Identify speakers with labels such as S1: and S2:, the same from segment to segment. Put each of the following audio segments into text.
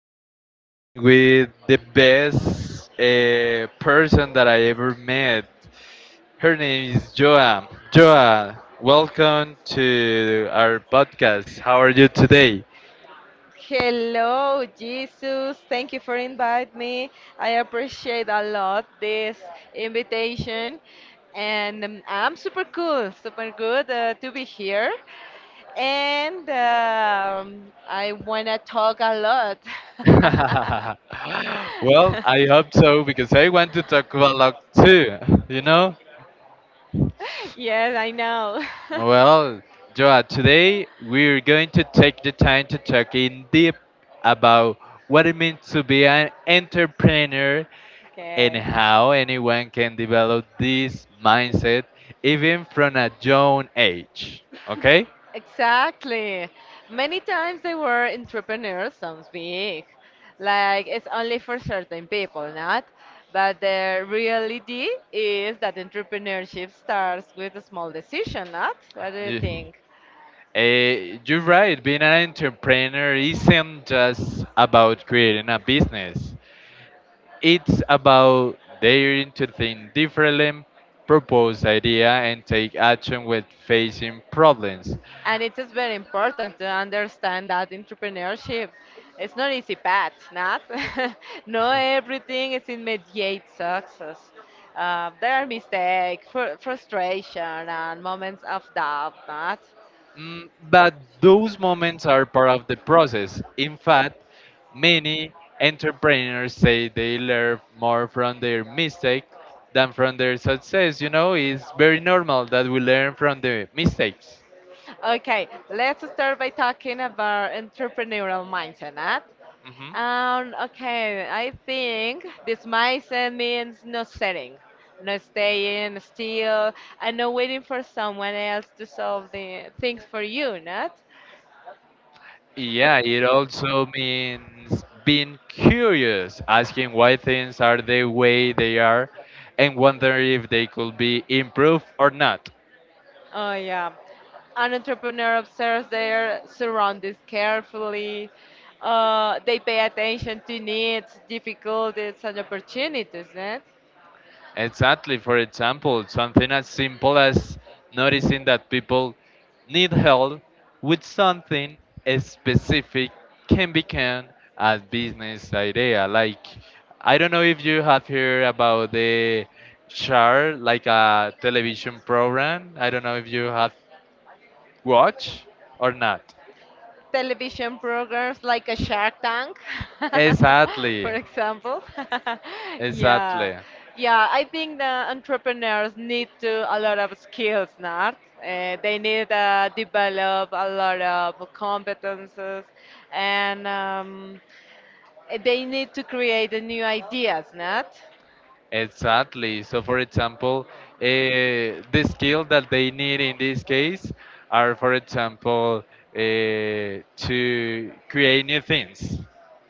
S1: today, I'm with the best person that I ever met. Her name is Joa. Joa, welcome to our podcast. How are you today?
S2: Hello, Jesus. Thank you for inviting me. I appreciate a lot this invitation, and I'm super cool, super good to be here. And I wanna talk a lot.
S1: Well, I hope so because I want to talk about luck too, you know?
S2: Yes, I know.
S1: Well, Joa, today we're going to take the time to talk in deep about what it means to be an entrepreneur and
S2: Okay.
S1: how anyone can develop this mindset even from a young age. Okay?
S2: Exactly. Many times they were entrepreneurs, some big. Like it's only for certain people, not? But the reality is that entrepreneurship starts with a small decision, not? What do you
S1: You-
S2: think?
S1: you're right, being an entrepreneur isn't just about creating a business, it's about daring to think differently, propose idea, and take action when facing problems.
S2: And it is very important to understand that entrepreneurship it's not easy path, not. Not everything is immediate success. There are mistakes, frustration, and moments of doubt, not.
S1: But those moments are part of the process. In fact, many entrepreneurs say they learn more from their mistake than from their success. You know, it's very normal that we learn from the mistakes.
S2: Okay, let's start by talking about entrepreneurial mindset. Not?
S1: Hmm.
S2: Okay, I think this mindset means no setting, no staying still, and no waiting for someone else to solve the things for you. Not?
S1: Yeah, it also means being curious, asking why things are the way they are, and wondering if they could be improved or not.
S2: Oh, yeah. An entrepreneur observes their surroundings carefully. They pay attention to needs, difficulties, and opportunities. Right?
S1: Exactly, for example, something as simple as noticing that people need help with something specific can become a business idea. Like, I don't know if you have heard about the Char, like a television program. I don't know if you have watch or not.
S2: Television programs like a Shark Tank, for
S1: Exactly,
S2: example. Yeah,
S1: exactly,
S2: exactly. Yeah. I think the entrepreneurs need to a lot of skills, not? They need to develop a lot of competences, and they need to create the new ideas, not?
S1: exactly. So, for example, the skill that they need in this case are, for example, to create new things.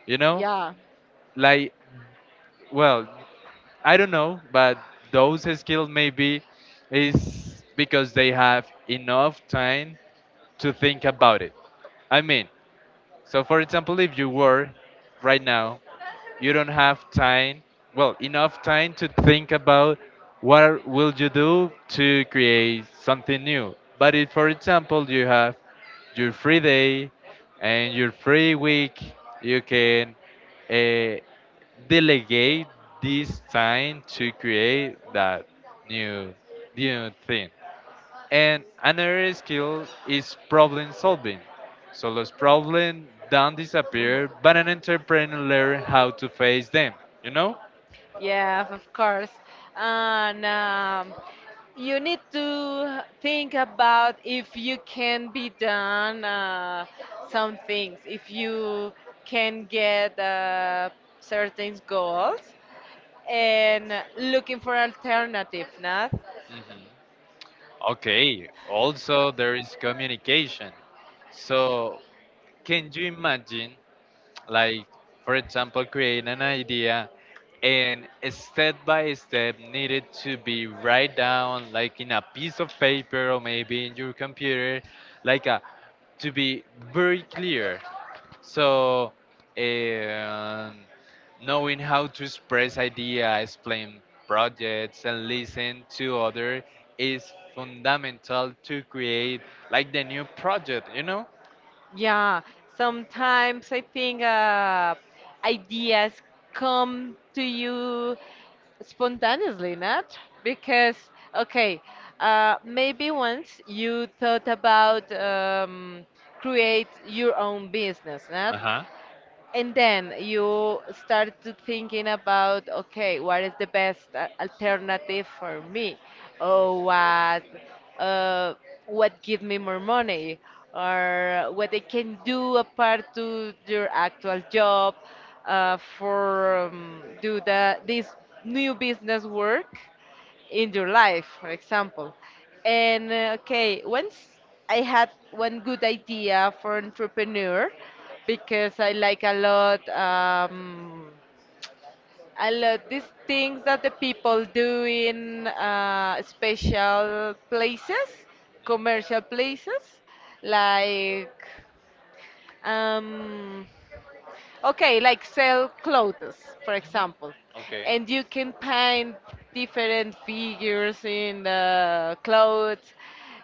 S1: You know,
S2: Yeah.
S1: like, well, I don't know, but those skills maybe is because they have enough time to think about it. I mean, so, for example, if you work right now, you don't have time, well, enough time to think about what will you do to create something new. But if, for example, you have your free day and your free week, you can uh, delegate this time to create that new new thing. And another skill is problem solving. So those problems don't disappear, but an entrepreneur learn how to face them, you know?
S2: Yeah, of course. And you need to think about if you can be done some things, if you can get certain goals, and looking for alternative, not?
S1: Mhm. Okay, also there is communication. So, can you imagine, like, for example, create an idea and step by step needed to be write down, like in a piece of paper or maybe in your computer, like a, to be very clear. So, um, knowing how to express idea, explain projects, and listen to other is fundamental to create like the new project. You know?
S2: Yeah, sometimes I think ideas come to you spontaneously, not? Because, okay, maybe once you thought about create your own business, not?
S1: Uh huh.
S2: And then you start to thinking about okay, what is the best alternative for me, or uh, what give me more money, or what I can do apart to your actual job for do the this new business work in your life, for example. And okay, once I had one good idea for entrepreneur because I like a lot these things that the people do in special places, commercial places, like um, okay, like sell clothes, for
S1: Hmm.
S2: example,
S1: Okay.
S2: and you can paint different figures in the clothes.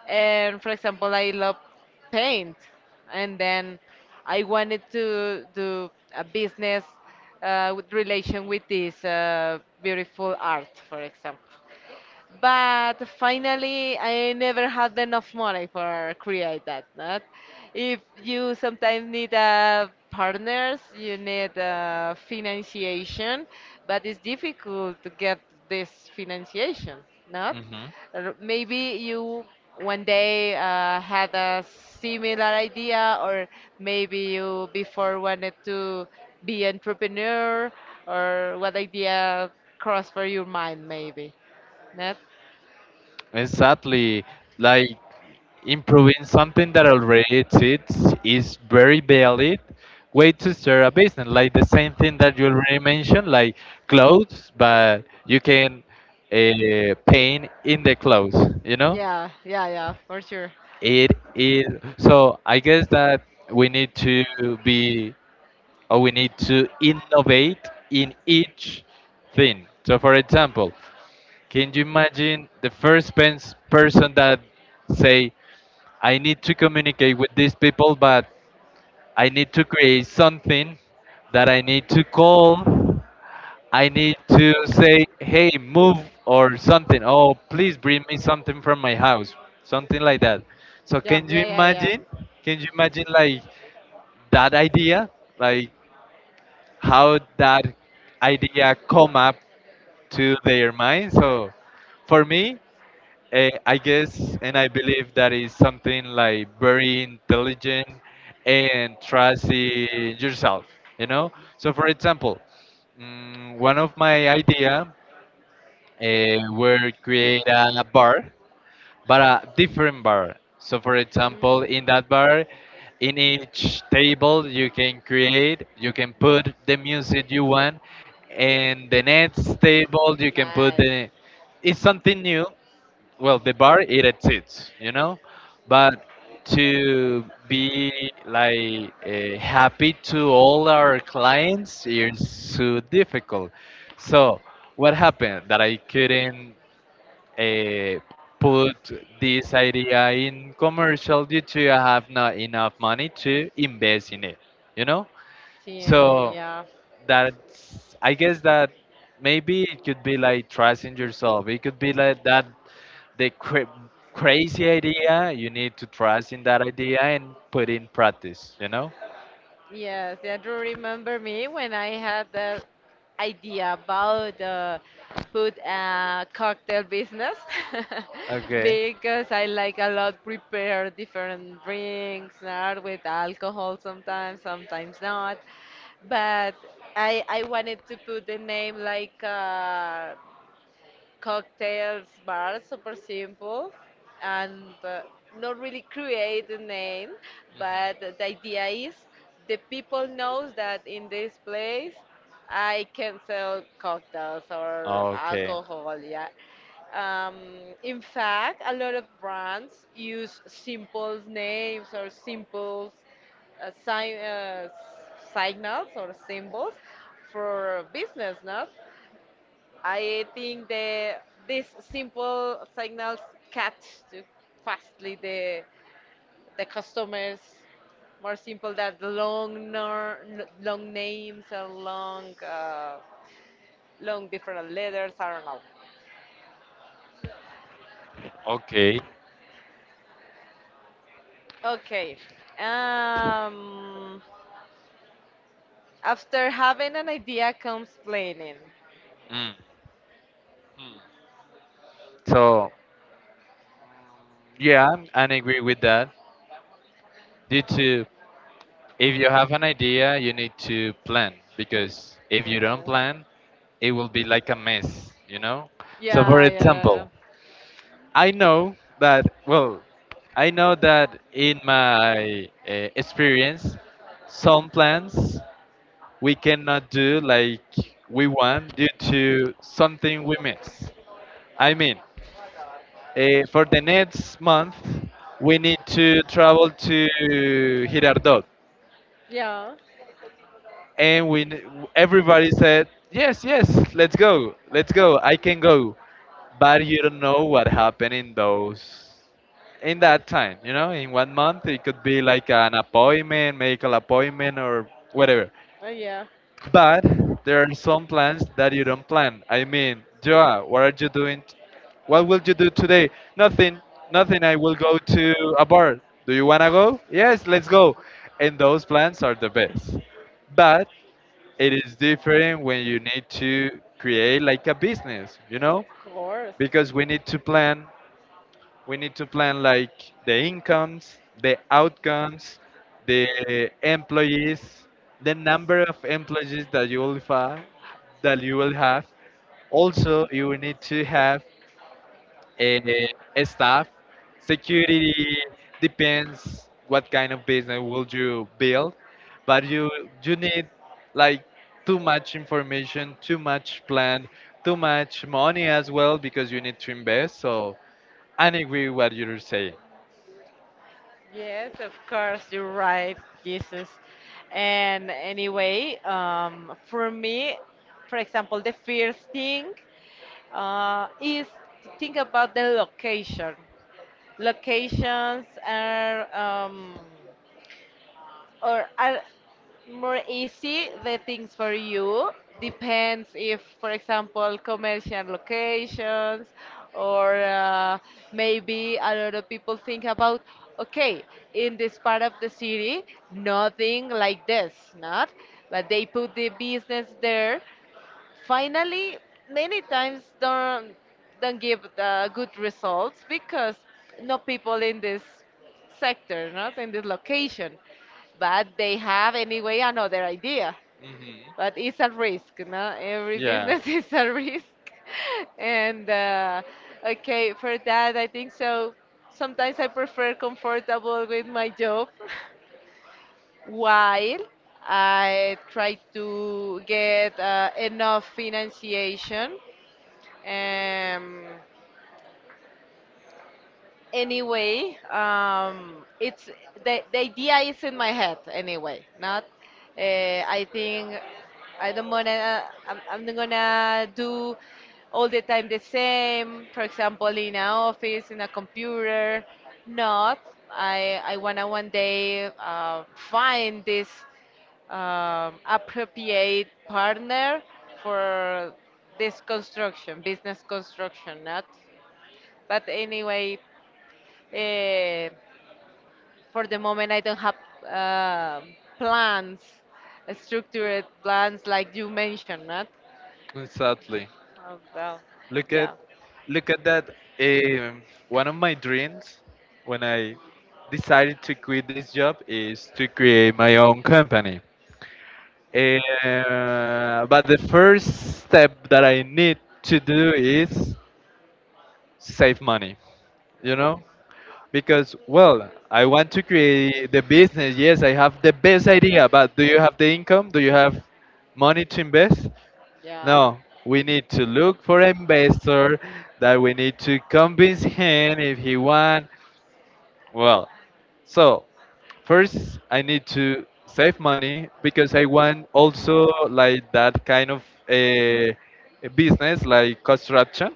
S2: And for example, I love paint, and then I wanted to do a business with relation with this beautiful art, for example, but finally I never had enough money for create that. Not. If you sometimes need partners, you need financiation, but it's difficult to get this financiation. Not.
S1: Hmm.
S2: Maybe you one day had a similar idea, or maybe you before wanted to be entrepreneur, or what idea crossed for your mind maybe. Not?
S1: Exactly. Like improving something that already exists is very valid way to start a business. Like the same thing that you already mentioned, like clothes, but you can paint in the clothes. You know,
S2: Yeah, yeah, yeah, for sure.
S1: it is. So I guess that we need to be or we need to innovate in each thing. So, for example. Can you imagine the first pens person that say, I need to communicate with these people, but I need to create something that I need to call. I need to say, hey, move or something. Oh, please bring me something from my house. Something like that. So can you imagine? Can you imagine like that idea? Like how that idea come up to their mind? So for me, I guess and I believe that is something like very intelligent and trust in yourself, you know? So for example, one of my idea were create a bar, but a different bar. So for example, in that bar, in each table you can create, you can put the music you want, and the next table you can put the. It's something new. Well, the bar it exists, you know, but to be like happy to all our clients is so difficult. So what happened that I couldn't uh, put this idea in commercial due to I have not enough money to invest in it, you know.
S2: the so
S1: So
S2: Yeah.
S1: that's, I guess, that maybe it could be like trusting yourself. It could be like that the crazy idea, you need to trust in that idea and put in practice, you know.
S2: Yes, yeah, do remember me when I had the idea about put a cocktail business.
S1: Okay.
S2: Because I like a lot prepare different drinks, not with alcohol sometimes, sometimes not. But I wanted to put the name, like, cocktails bar, super simple, and not really create a name, but the idea is the people knows that in this place I
S1: Mhm.
S2: can sell cocktails or
S1: Okay.
S2: alcohol, yeah. Um, in fact, a lot of brands use simple names or simple uh, sign, uh, signals or symbols for business, no? I think the these simple signals catch to fastly the customers, more simple than the long nor, long names or long different letters. I don't know.
S1: Okay.
S2: Okay. Um, After having an idea comes planning.
S1: Mm. So yeah, I agree with that. Due to if you have an idea, you need to plan because if you don't
S2: Yeah.
S1: plan, it will be like a mess, you know. So for
S2: Yeah, yeah,
S1: example, I know that well, I know that in my experience, some plans we cannot do like we want due to something we miss. I mean, for the next month, we need to travel to Girardot,
S2: yeah, yeah.
S1: and everybody said yes, yes, let's go, I can go, but you don't know what happened in those in that time, you know, in 1 month it could be like an appointment, medical appointment or whatever.
S2: Yeah.
S1: But there are some plans that you don't plan. I mean, Joa, what are you doing? What will you do today? Nothing, nothing. I will go to a bar. Do you wanna go? Yes, let's go. And those plans are the best. But it is different when you
S2: Oh,
S1: need
S2: yeah.
S1: to create like a business, you
S2: Of
S1: know?
S2: course.
S1: Because we need to plan like the incomes, the outcomes, the employees, the number of employees that that you will have. Also, you will need to have uh, staff, security depends what kind of business will you build, but you need like too much information, too much plan, too much money as well because you need to invest. So I agree what you're saying.
S2: Yes, of course, you're right, Jesus. And anyway, for me, for example, the first thing is to think about the location. Locations are or are more easy the things for you, depends if, for example, commercial locations, or maybe a lot of people think about okay, in this part of the city nothing like this, not, but they put the business there. Finally, many times don't give the good results because no people in this sector, not in this location, but they have anyway another idea.
S1: Hmm.
S2: But it's a risk, no? Every
S1: Yeah,
S2: business is a risk, and okay, for that I think so. Sometimes I prefer comfortable with my job while I try to get enough financiation. Um, anyway, it's the idea is in my head anyway. Not. I think I don't wanna. I'm not gonna do all the time the same. For example, in an office, in a computer. Not. I wanna one day find this appropriate partner for this construction, business construction, not. But anyway, Eh, for the moment, I don't have uh, plans, structured plans like you mentioned, not?
S1: exactly.
S2: Oh, well,
S1: Look at
S2: yeah,
S1: look at that. Um, One of my dreams when I decided to quit this job is to create my own company. But the first step that I need to do is save money, you know? Because, well, I want to create the business. Yes, I have the best idea, but do you have the income? Do you have money to invest?
S2: yeah.
S1: No, we need to look for investor that we need to convince him if he want. Well, so first I need to save money because I want also like that kind of a business like construction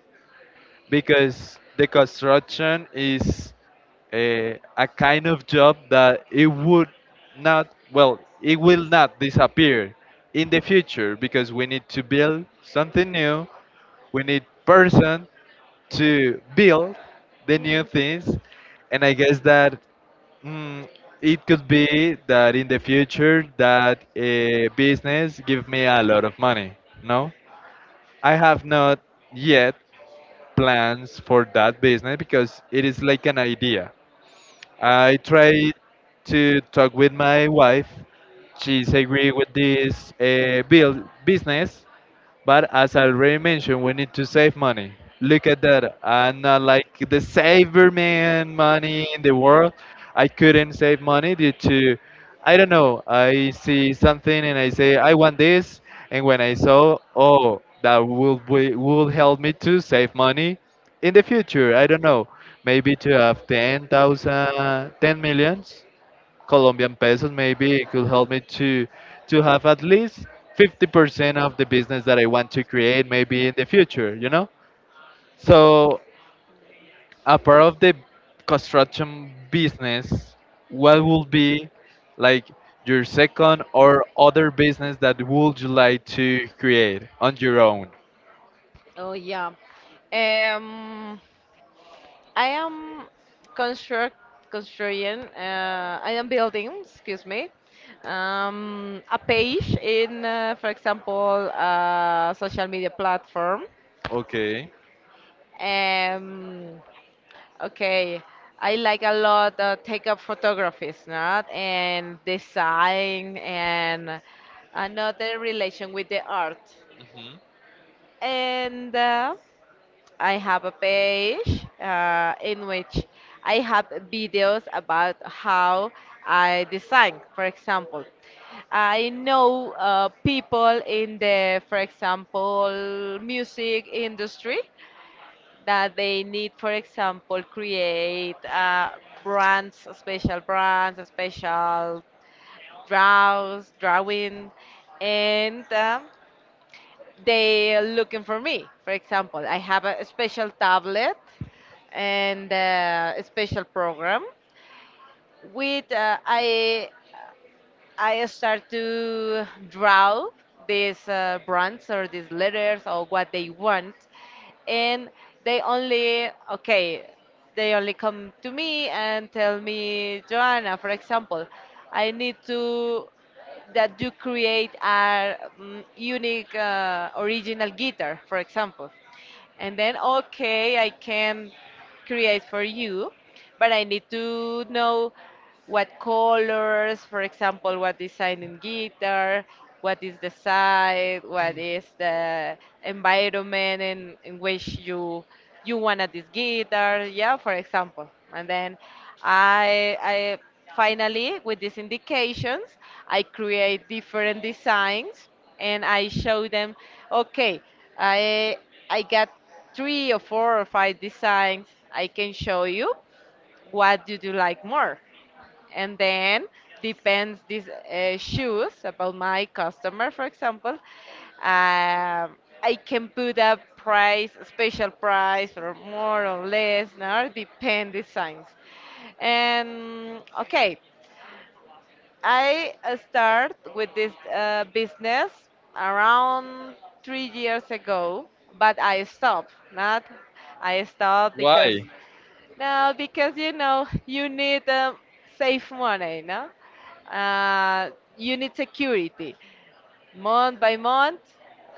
S1: because the construction is a kind of job that it will not disappear in the future because we need to build something new. We need person to build the new
S2: Mm.
S1: things. And I guess that mm, it could be that in the future that a business give me a lot of money. No, I have not yet plans for that business because it is like an idea. I try to talk with my wife. She's agree with this build business, but as I already mentioned, we need to save money. Look at that. I'm not like the saver man money in the world. I couldn't save money due to, I don't know, I see something and I say, I want this. And when I saw, oh, that will help me to save money in the future. I don't know, maybe to have 10,000, ten millions Colombian pesos. Maybe it could help me to have at least 50% of the business that I want to create maybe in the future, you know? So a part of the construction business, what would be like your second or other business that would you like to create on your own?
S2: Oh, yeah. Um, I am construct constructing. I am building. Excuse me. A page in, for example, a social media platform.
S1: Okay.
S2: Um, okay. I like a lot take up photographies, not, and design and another relation with the art.
S1: Hmm.
S2: And I have a page in which I have videos about how I design. For example, I know people in the, for example, music industry, that they need, for example, create brands, special draws, drawing, and they are looking for me. For example, I have a special tablet and a special program with I start to draw these brands or these letters or what they want, and they only okay, they only come to me and tell me, Joanna, for example, I need to that you create a unique original guitar, for example, and then okay, I can create for you, but I need to know what colors, for example, what design in guitar, what is the side, what is the environment in which you wanted this guitar, yeah, for example. And then I finally with these indications I create different designs and I show them. Okay, I I got three or four or five designs. I can show you what do you like more, and then depends these shoes about my customer, for example. Um, I can put a price, a special price, or more or less. Now depend designs. And okay, I start with this business around 3 years ago, but I stopped. Not. I stopped because,
S1: Why?
S2: no, because you know you need safe money, no? Uh, you need security, month by month,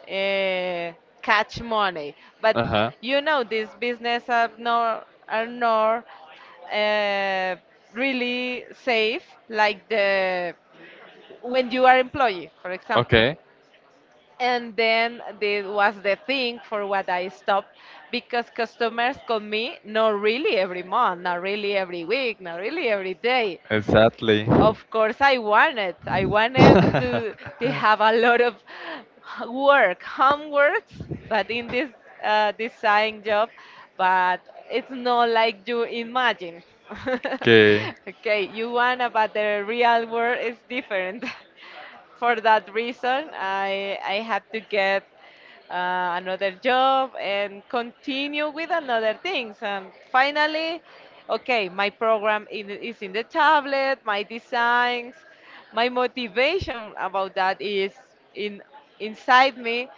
S2: uh, catch money. But
S1: Uh-huh.
S2: you know these business are not uh, really safe, like the when you are employee, for example,
S1: Okay.
S2: and then this was the thing for what I stopped because customers call me not really every month, not really every week, not really every day.
S1: Exactly.
S2: Of course, I wanted to have a lot of work, homeworks, but in this design job, but it's not like you imagine.
S1: Okay.
S2: Okay, you want, but the real world is different. For that reason, I had to get another job and continue with another things. And finally, okay, my program in, is in the tablet, my designs, my motivation about that is in inside me,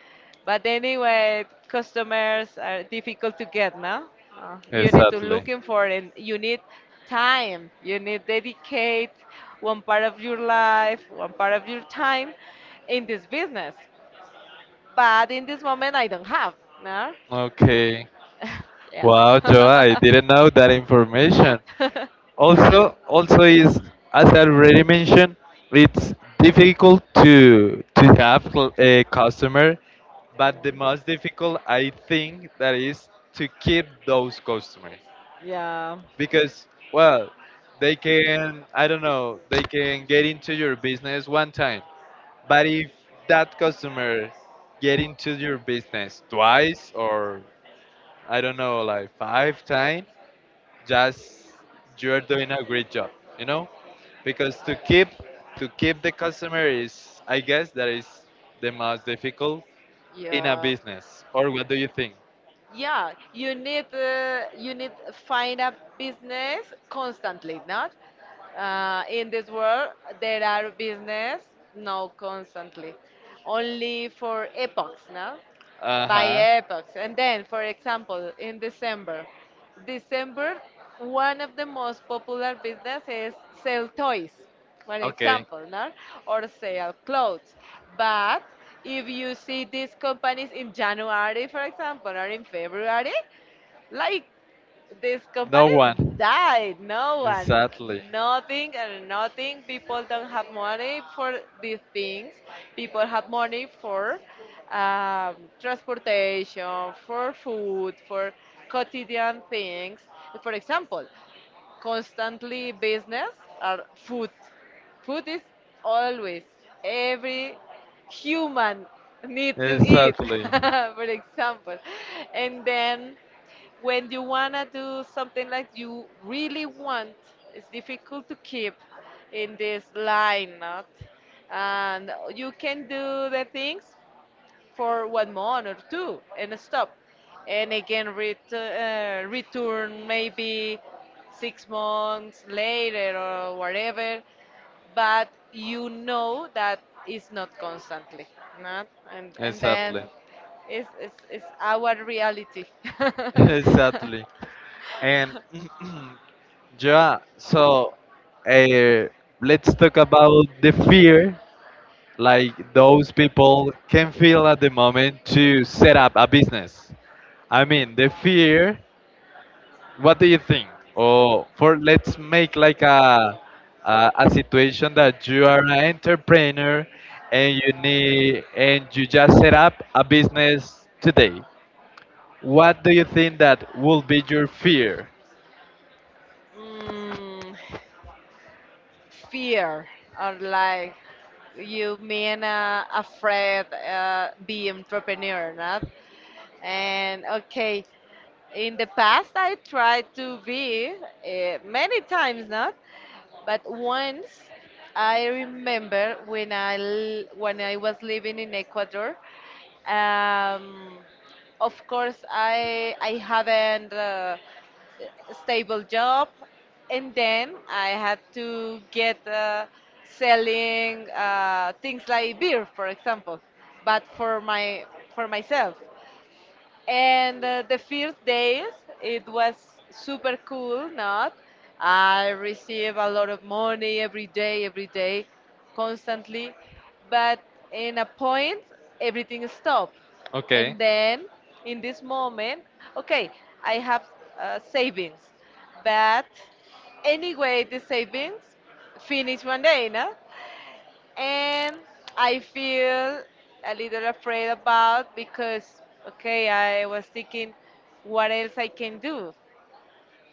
S2: but anyway, customers are difficult to get now. You need to
S1: Exactly.
S2: looking for, and you need time. You need dedicate one part of your life, one part of your time in this business. But in this moment, I don't have. No.
S1: Okay.
S2: Yeah.
S1: Wow, Joe, I didn't know that information. Also, is, as I already mentioned, it's difficult to have a customer, but the
S2: Mm.
S1: most difficult I think that is to keep those customers
S2: Yeah.
S1: because well, they can, I don't know, they can get into your business one time, but if that customer get into your business twice or I don't know, like five times, just you're doing a great job, you know? Because to keep the customer is, I guess, that is the most difficult in a
S2: Yeah.
S1: business. Or what do you think?
S2: Yeah, you need find a business constantly, not? In this world, there are business no constantly, only for epochs, no? By
S1: Uh-huh.
S2: epochs, and then, for example, in December, one of the most popular business is sell toys, for
S1: Okay.
S2: example, no? Or sell clothes. But if you see these companies in January, for example, or in February, like these
S1: No
S2: companies
S1: one.
S2: died, no one,
S1: Exactly.
S2: nothing and nothing. People don't have money for these things. People have money for transportation, for food, for quotidian things. For example, constantly business are food. Food is always, every human need to eat,
S1: Exactly.
S2: for example. And then when you wanna do something like you really want, it's difficult to keep in this line, not? And you can do the things for one month or two and stop, and again return maybe 6 months later or whatever, but you know that it's not constantly, not, and then
S1: Exactly.
S2: it's our reality.
S1: Exactly. And yeah, so uh, let's talk about the fear like those people can feel at the moment to set up a business. I mean, the fear. What do you think? Or for let's make like a situation that you are an entrepreneur and you need and you just set up a business today. What do you think that will be your fear?
S2: mm, Fear, or like you mean afraid be entrepreneur, not, and okay, in the past I tried to be many times, not. But once I remember when I was living in Ecuador. um, of course I haven't stable job, and then I had to get selling things like beer, for example, but for myself. And the first days, it was super cool, not? I receive a lot of money every day, constantly. But in a point, everything stopped.
S1: Okay.
S2: And then, in this moment, okay, I have savings. But anyway, the savings finish one day, no? And I feel a little afraid about, because okay, I was thinking what else I can do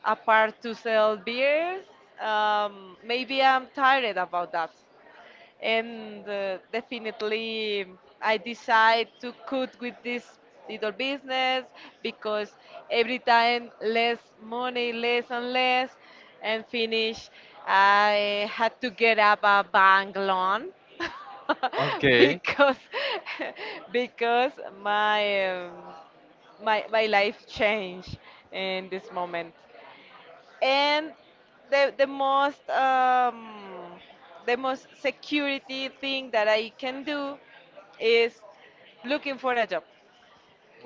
S2: apart to sell beers. Maybe I'm tired about that, and definitely I decide to cut with this little business because every time less money, less and less, and finish. I had to get up a bank loan
S1: Okay.
S2: because because my my life changed in this moment, and the most the most security thing that I can do is looking for a job,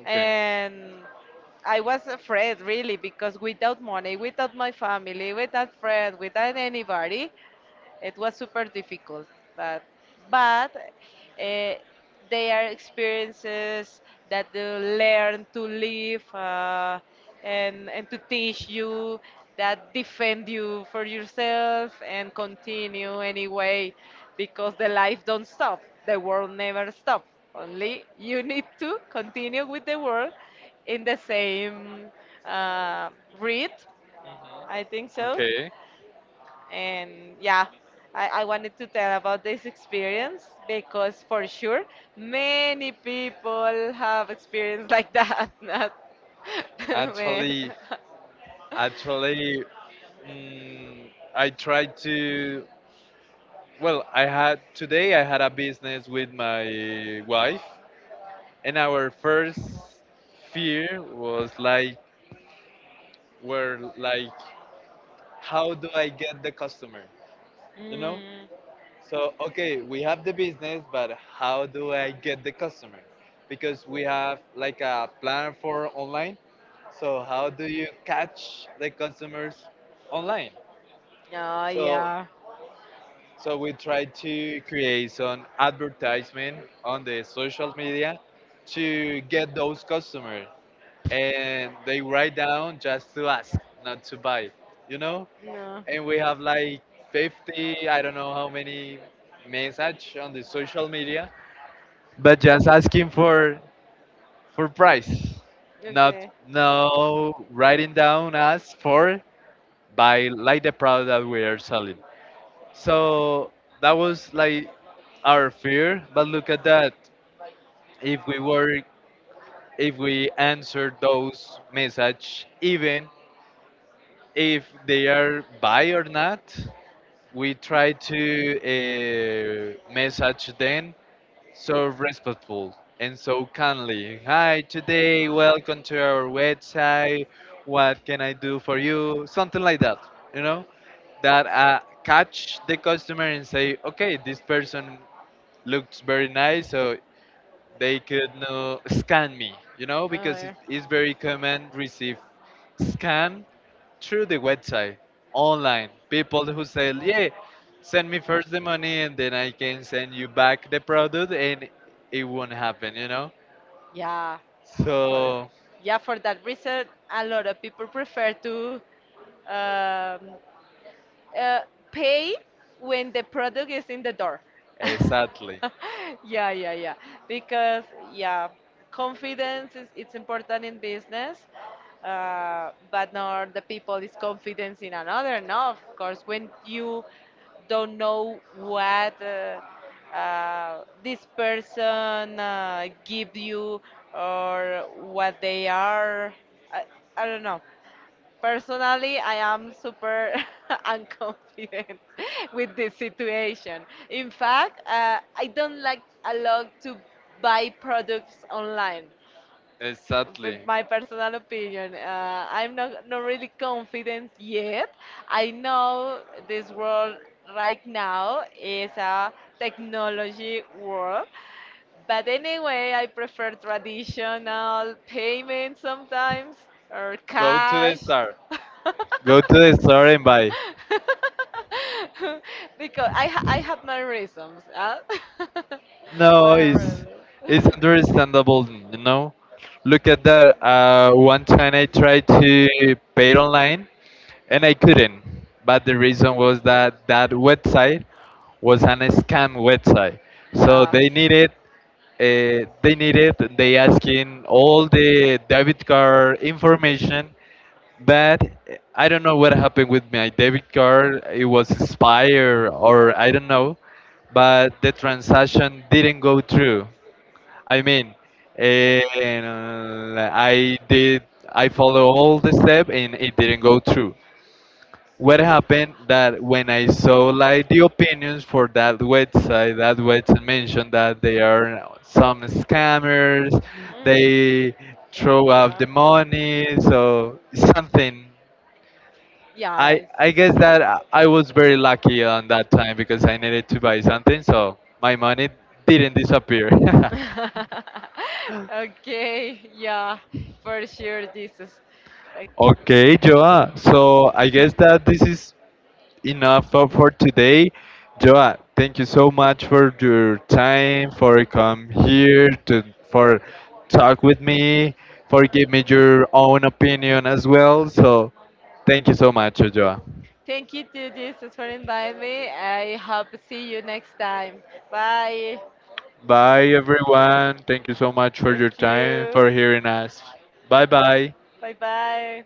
S1: Okay.
S2: and I was afraid really because without money, without my family, without friends, without anybody, it was super difficult, but but
S1: Hmm.
S2: they are experiences that you learn to live and to teach you that defend you for yourself and continue anyway because the life don't stop, the world never stop. Only you need to continue with the world in the same uh, breath. I think so.
S1: Okay.
S2: And yeah, I wanted to tell about this experience because for sure many people have experience like that. Not. Many.
S1: Actually, actually, I tried to. Well, I had a business with my wife, and our first fear were like, how do I get the customer? You know?
S2: Mm.
S1: So okay, we have the business, but how do I get the customer? Because we have like a plan for online. So how do you catch the customers online?
S2: Oh,
S1: So
S2: yeah.
S1: So we try to create some advertisement on the social media to get those customers, and they write down just to ask, not to buy, you know.
S2: No.
S1: And we have like 50, I don't know how many message on the social media, but just asking for price, not
S2: Okay.
S1: no writing down us for buy like the product that we are selling. So that was like our fear, but look at that. If we were, if we answer those message, even if they are buy or not, we try to message them so respectful and so kindly. Hi, today, welcome to our website. What can I do for you? Something like that, you know, that catch the customer and say, okay, this person looks very nice, so they could know, scan me, you know,
S2: Oh,
S1: because it
S2: yeah.
S1: is very common receive scam through the website online. People who say, yeah, send me first the money and then I can send you back the product, and it won't happen, you know.
S2: Yeah, so, for. So
S1: So
S2: yeah, for that reason, a lot of people prefer to um, uh, pay when the product is in the door.
S1: exactly,
S2: Yeah, yeah, yeah. Because yeah, confidence is it's important in business, but not the people is confidence in another. No, of course, when you don't know what this person give you, or what they are. I, I don't know. Personally, I am super unconfident with this situation. In fact, I don't like a lot to buy products online. With
S1: exactly.
S2: my personal opinion, I'm not, not really confident yet. I know this world right now is a technology world, but anyway, I prefer traditional payment sometimes, or
S1: Go to the
S2: cash.
S1: store. Go to the store and buy.
S2: Because I have my reasons. Huh?
S1: No,
S2: My own
S1: it's
S2: reasons.
S1: it's understandable, you know. Look at that. One time I tried to pay online and I couldn't. But the reason was that that website was an scam website. So
S2: Yeah.
S1: they asking all the debit card information but I don't know what happened with my debit card. It was expired or I don't know, but the transaction didn't go through. I mean, and I follow all the step and it didn't go through. What happened that when I saw like the opinions for that website mentioned that they are some scammers,
S2: Mm,
S1: they throw out the money, so something
S2: yeah.
S1: I guess that I was very lucky on that time because I needed to buy something, so my money
S2: Yes.
S1: didn't disappear.
S2: Okay, yeah, for sure, Jesus. Uh,
S1: Okay, Joa. So I guess that this is enough for today. Joa, thank you so much for your time, for come here to for talk with me, for give me your own opinion as well. So thank you so much, Joa.
S2: Thank you to Jesus for inviting me. I hope to see you next time. Bye.
S1: Bye, everyone. Thank you so much for your
S2: Thank
S1: time,
S2: you.
S1: for hearing us. Bye bye.
S2: Bye bye.